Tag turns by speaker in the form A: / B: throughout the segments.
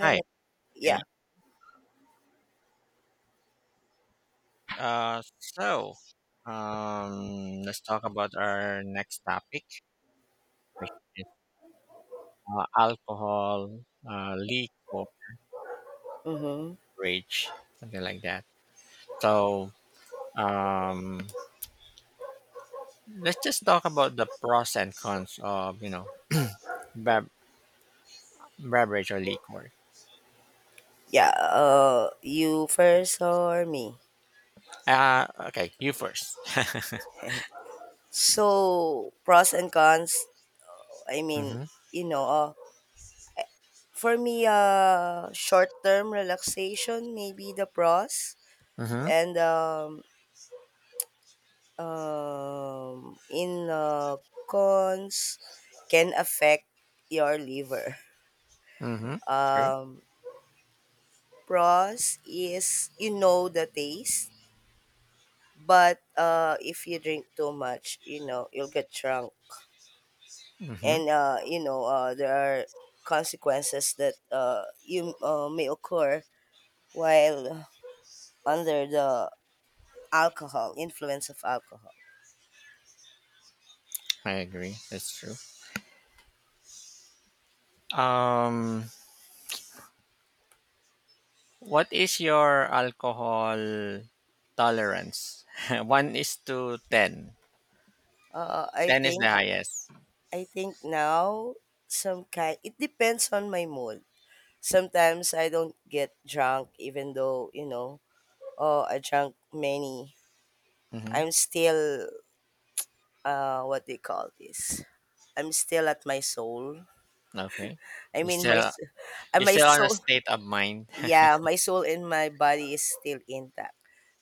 A: Hi. Can you,
B: Yeah.
A: uh, so, let's talk about our next topic, which is alcohol, liquor,
B: Mm-hmm.
A: rage, something like that. So, um, let's just talk about the pros and cons of, you know, bev- beverage or liquor.
B: Yeah. You first or me?
A: Uh, okay, you first.
B: So pros and cons. I mean,
A: Mm-hmm.
B: you know, uh, for me, short term relaxation maybe the pros,
A: Mm-hmm.
B: and in cons can affect your liver.
A: Mm-hmm. True.
B: Um, Pros is you know the taste, but if you drink too much, you know, you'll get drunk,
A: Mm-hmm.
B: and you know there are consequences that you may occur while under the alcohol influence of alcohol.
A: I agree. That's true. Um, What is your alcohol tolerance? 1 is to 10.
B: uh i
A: 10 is the
B: think
A: highest.
B: i think now, some kind, it depends on my mood. Sometimes I don't get drunk even though, you know, oh, I drank many.
A: Mhm.
B: I'm still, what they call this, I'm still at my soul.
A: Okay.
B: i
A: you
B: mean my
A: still
B: s-
A: you're
B: my
A: still on a
B: soul,
A: state of mind.
B: yeah. My soul and my body is still intact.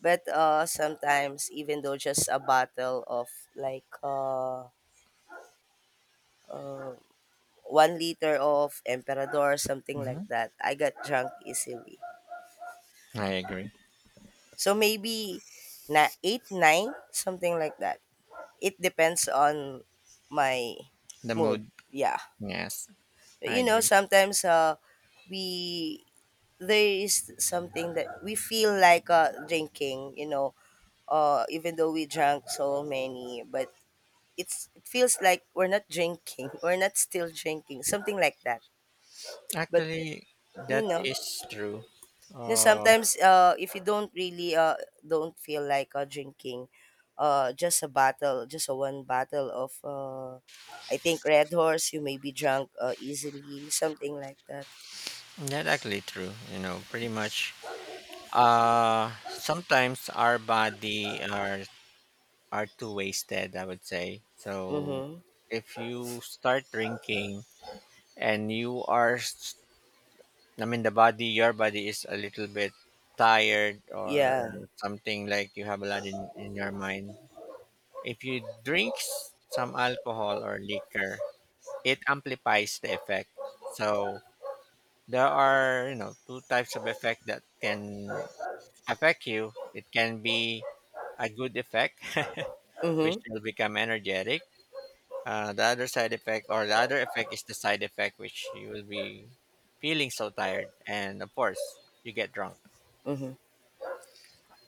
B: But sometimes even though just a bottle of like uh 1 liter of emperador, something like
A: Mhm.
B: that, I got drunk easily.
A: I agree.
B: So maybe na 8 9, something like that. It depends on my
A: The
B: mood,
A: mood.
B: yeah.
A: Yes, I
B: You know,
A: agree.
B: sometimes we there is something that we feel like drinking, you know, even though we drank so many, but it feels like we're not drinking, we're not still drinking, something like that. But
A: Actually,
B: you
A: that
B: know,
A: is true. Uh,
B: sometimes if you don't really don't feel like drinking, just a one bottle of, I think Red Horse, you may be drunk easily, something like that.
A: that actually true. You know, pretty much. Sometimes our body are too wasted, I would say so.
B: Mm-hmm.
A: If you start drinking and you are s- I mean the body your body is a little bit tired, or
B: Yeah.
A: something like you have a lot in your mind, if you drink some alcohol or liquor, it amplifies the effect. So there are, you know, two types of effect that can affect you. It can be a good effect, which
B: Mm-hmm.
A: will become energetic. The other side effect, or the other effect is the side effect, which you will be feeling so tired and of course you get drunk.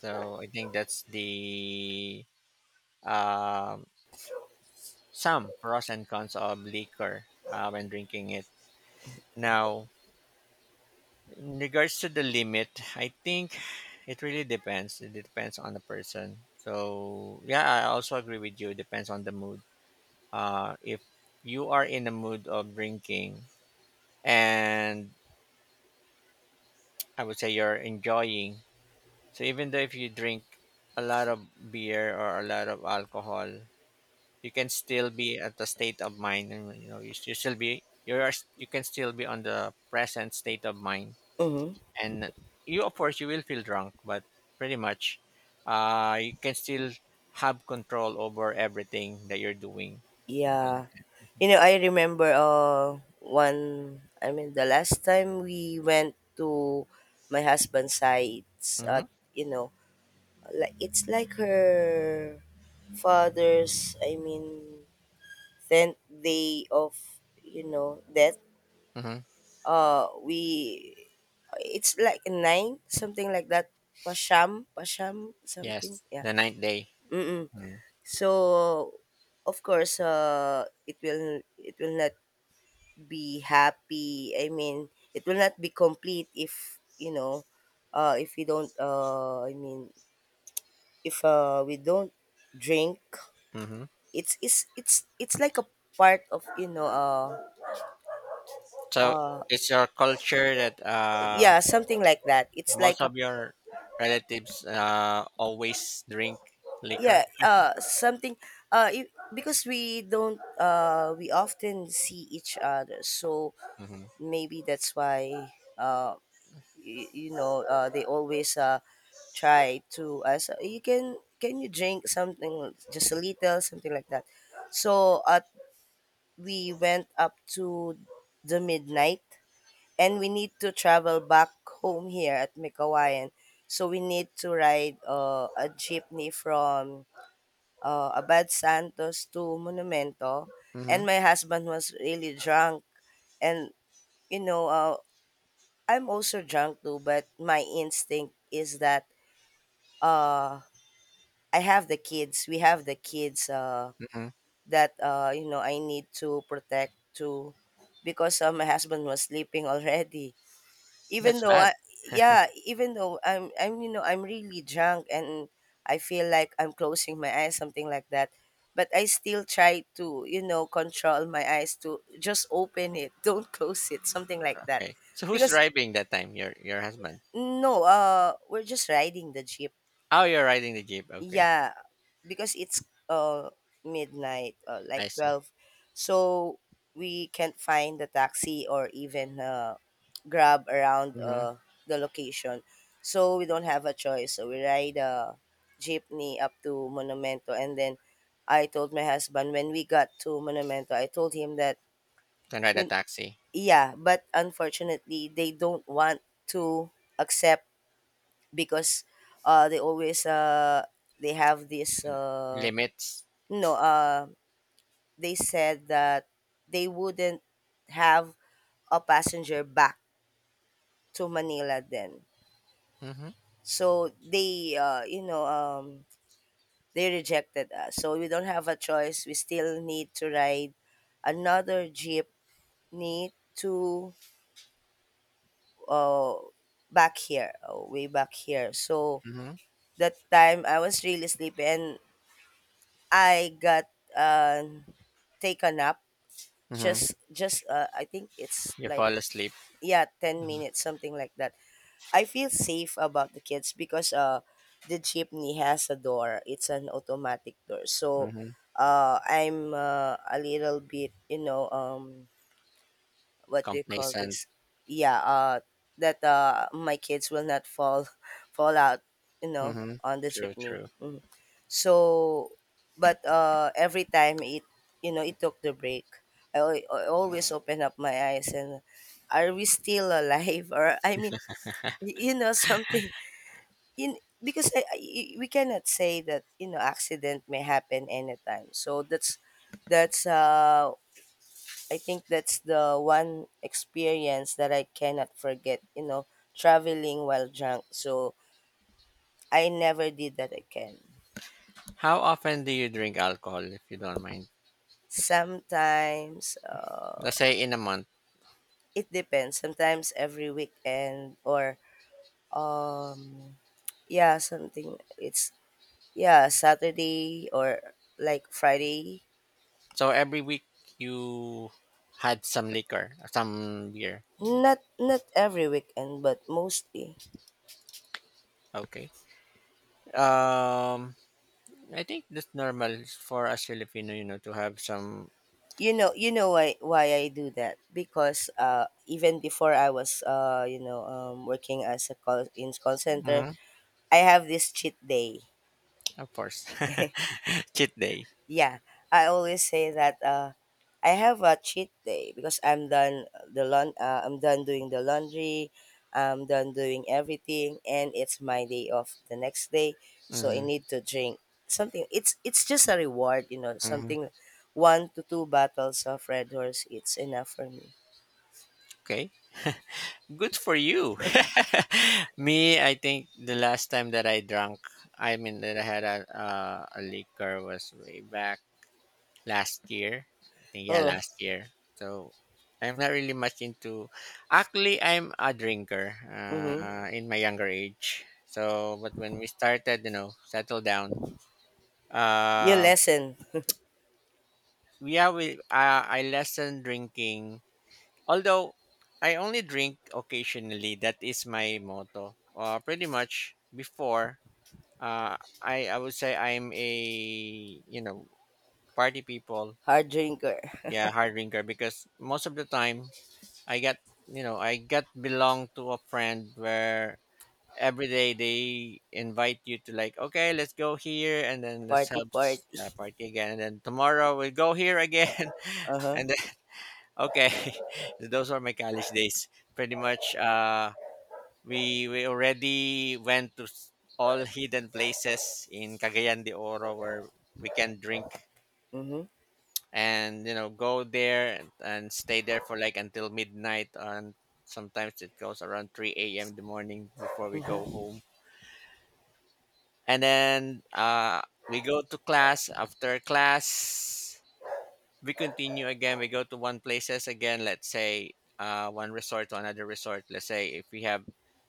A: So I think that's the, um, some pros and cons of liquor when drinking it. Now in regards to the limit, I think it really depends. It depends on the person, so yeah, I also agree with you, it depends on the mood. Uh, if you are in the mood of drinking, and I would say you're enjoying. So even though if you drink a lot of beer or a lot of alcohol, you can still be at the state of mind, and you know you can still be on the present state of mind,
B: Mm-hmm.
A: and you of course you will feel drunk, but pretty much, you can still have control over everything that you're doing.
B: Yeah.
A: Mm-hmm.
B: You know, I remember one, I mean the last time we went to my husband's sides at, you know, like it's like her father's, I mean, tenth day of, you know, death.
A: Mm-hmm.
B: We It's like nine, something like that. Pasham, Pasham, something.
A: Yes,
B: Yeah.
A: the ninth day.
B: Mm-mm.
A: Mm-hmm.
B: So of course it will not be happy. I mean, it will not be complete if, you know, if we don't, I mean, if we don't drink,
A: Mm-hmm.
B: it's like a part of, you know,
A: So
B: uh,
A: it's your culture that
B: yeah, something like that. It's
A: most
B: like a,
A: of your relatives always drink
B: yeah.
A: liquor.
B: Something, if, because we don't we often see each other, so
A: Mm-hmm.
B: maybe that's why uh you know they always try to ask, so you can you drink something, just a little, something like that. So we went up to the midnight, and we need to travel back home here at Mikawayan. So we need to ride a jeepney from Abad Santos to Monumento,
A: Mm-hmm.
B: and my husband was really drunk. And you know, I'm also drunk too, but my instinct is that uh, I have the kids. We have the kids
A: Mm-hmm.
B: that, you know, I need to protect too, because my husband was sleeping already. Even
A: That's
B: though I
A: bad.
B: Yeah, even though I'm you know I'm really drunk, and I feel like I'm closing my eyes, something like that, but I still try to, you know, control my eyes to just open it, don't close it, something like that,
A: Okay. So who's
B: because
A: driving that time? Your husband.
B: no, we're just riding the jeep.
A: Oh, you're riding the jeep. Okay,
B: Yeah, because it's midnight, like
A: I see.
B: 12. So we can't find the taxi or even grab around
A: Mm-hmm.
B: the location. So we don't have a choice. So we ride a jeepney up to Monumento, and then I told my husband, when we got to Monumento, I told him that
A: Can ride a
B: you-
A: taxi.
B: yeah, but unfortunately they don't want to accept because they always they have this
A: Limits.
B: no they said that they wouldn't have a passenger back to Manila then.
A: Mm-hmm.
B: So they, you know, they rejected us, so we don't have a choice, we still need to ride another jeepney to, uh, back here, way back here. So
A: Mm-hmm.
B: that time I was really sleepy, and I got um taken up
A: Mm-hmm.
B: just I think it's
A: You
B: like,
A: fall asleep.
B: yeah, 10
A: Mm-hmm.
B: minutes, something like that. I feel safe about the kids because the jeepney has a door. It's an automatic door. So
A: Mm-hmm.
B: I'm a little bit, you know, what do you call
A: Complacent.
B: this? Yeah, that my kids will not fall fall out, you know,
A: Mm-hmm.
B: on the
A: True,
B: chimney.
A: true.
B: Mhm. So, but every time it, you know, it took the break. I always open up my eyes and, are we still alive? Or I mean, you know, something in because we cannot say that, you know, accident may happen anytime. So that's I think that's the one experience that I cannot forget, you know, traveling while drunk. So I never did that again.
A: How often do you drink alcohol, if you don't mind?
B: Sometimes
A: Let's say in a month.
B: it depends. Sometimes every weekend or um yeah, something it's yeah, Saturday or like Friday.
A: So every week you had some liquor, some beer.
B: Not every weekend, but mostly.
A: Okay. Um, I think that's normal for us Filipino, you know, to have some.
B: You know, why I do that, because even before I was, you know, working as a call center,
A: Mhm,
B: I have this cheat day.
A: of course, cheat day.
B: Yeah, I always say that I have a cheat day because I'm done doing the laundry, I'm done doing everything, and it's my day off the next day, so I
A: Hmm.
B: need to drink something. It's just a reward, you know,
A: Hmm.
B: something, one to two bottles of Red Horse. It's enough for me.
A: Okay, good for you. Me, I think the last time that I drank, I mean that I had a liquor was way back last year. I think yeah,
B: Oh,
A: last year. So I'm not really much into. Actually, I'm a drinker
B: mhm.
A: in my younger age. So, but when we started, you know, settle down.
B: You
A: Uh,
B: lesson,
A: yeah, we I lessened drinking. Although I only drink occasionally. That is my motto. Pretty much before. Uh, I would say I'm a, you know, party people.
B: hard drinker,
A: Yeah, hard drinker, because most of the time I got I got belong to a friend where every day they invite you to, like, okay, let's go here, and then let's
B: party
A: have
B: party.
A: party again, and then tomorrow we'll go here again.
B: Uh-huh.
A: And then okay. Those are my college days, pretty much. We already went to all hidden places in Cagayan de Oro where we can drink,
B: Mhm.
A: and you know, go there and stay there for like until midnight, and sometimes it goes around 3 a.m. in the morning before we go home. And then We go to class. After class, we continue again, we go to one places again. Let's say, uh, one resort to another resort. Let's say if we have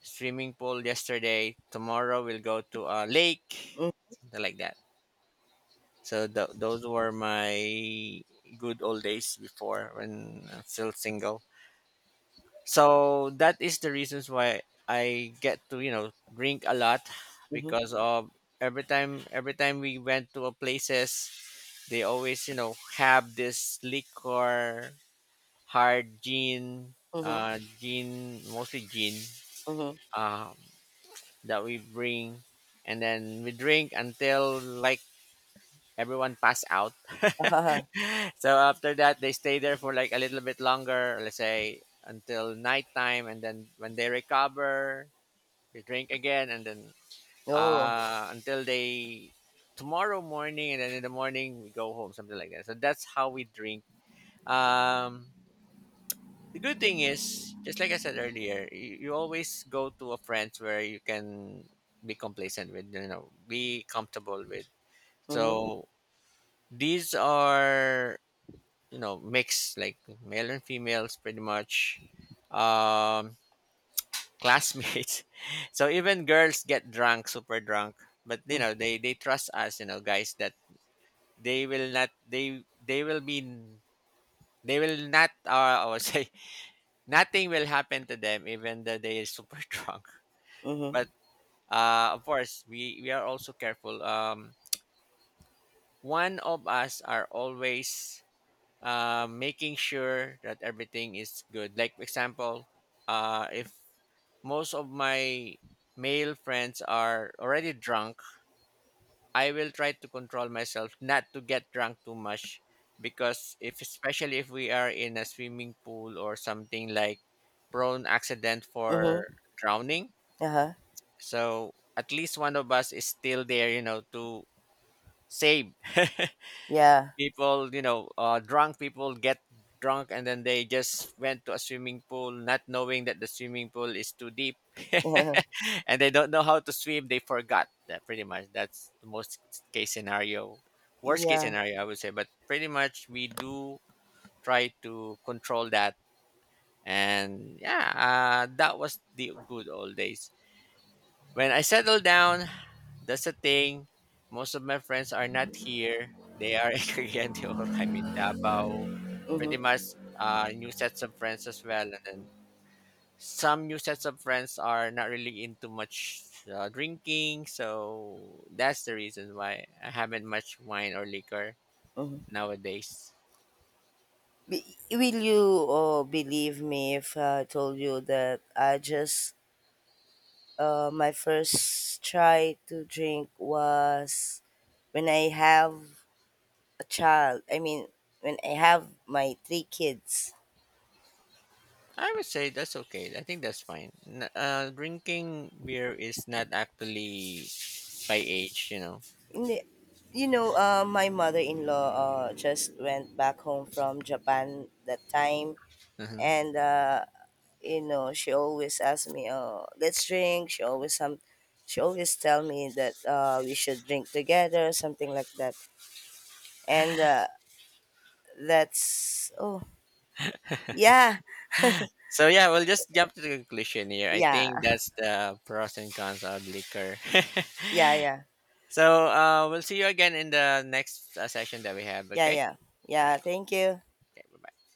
A: swimming pool yesterday, tomorrow we'll go to a lake,
B: Mm,
A: something like that. Those were my good old days before, when I'm still single. So that is the reasons why I get to, you know, drink a lot,
B: Mhm.
A: because of, every time, we went to a places, they always, you know, have this liquor, hard gin,
B: Mhm.
A: mostly gin,
B: Mhm.
A: um, that we bring, and then we drink until like everyone pass out.
B: Uh-huh.
A: So after that, they stay there for like a little bit longer, let's say until nighttime, and then when they recover they drink again, and then
B: Oh.
A: until they tomorrow morning, and then in the morning we go home, something like that. So that's how we drink. Um, the good thing is, just like I said earlier, you always go to a friend's where you can be complacent with, you know, be comfortable with.
B: Mhm.
A: So these are, you know, mix like male and females, pretty much, um, classmates. So even girls get drunk, super drunk, but you
B: Mm,
A: know, they trust us, you know, guys, that they will be, they will not, I would say, nothing will happen to them even though they are super drunk.
B: Mhm.
A: But uh, of course we are also careful. Um, one of us are always, making sure that everything is good. Like for example, if most of my male friends are already drunk, I will try to control myself not to get drunk too much, because if, especially if we are in a swimming pool or something like, prone accident
B: Mhm.
A: for drowning,
B: Uh-huh.
A: so at least one of us is still there, you know, to save.
B: Yeah.
A: People, you know, drunk people get drunk and then they just went to a swimming pool, not knowing that the swimming pool is too deep,
B: Uh-huh.
A: and they don't know how to swim, they forgot that, pretty much that's the most case scenario, worst case
B: Yeah.
A: scenario, I would say. But pretty much we do try to control that. And yeah, that was the good old days. When I settle down, that's the thing. Most of my friends are not here. They are in Cagayan de Oro. I'm in Davao. Pretty
B: Mhm.
A: much, new sets of friends as well. And then some new sets of friends are not really into much, drinking. So that's the reason why I haven't much wine or liquor
B: Mhm.
A: nowadays.
B: Be- Will you believe me if I told you that I just my first try to drink was when I have a child. I mean, when I have my three kids.
A: I would say that's okay. I think that's fine. Drinking beer is not actually by age, you know.
B: Ni- You know, my mother-in-law just went back home from Japan that time, and you know, she always asks me, "Oh, let's drink." She always tell me that we should drink together, something like that. And that's oh yeah,
A: So yeah, we'll just jump to the conclusion here. I
B: yeah,
A: think that's the pros and cons of liquor.
B: yeah, yeah,
A: So we'll see you again in the next session that we have.
B: yeah,
A: Okay.
B: yeah,
A: All
B: yeah.
A: right.
B: Thank you.
A: Okay. Bye bye.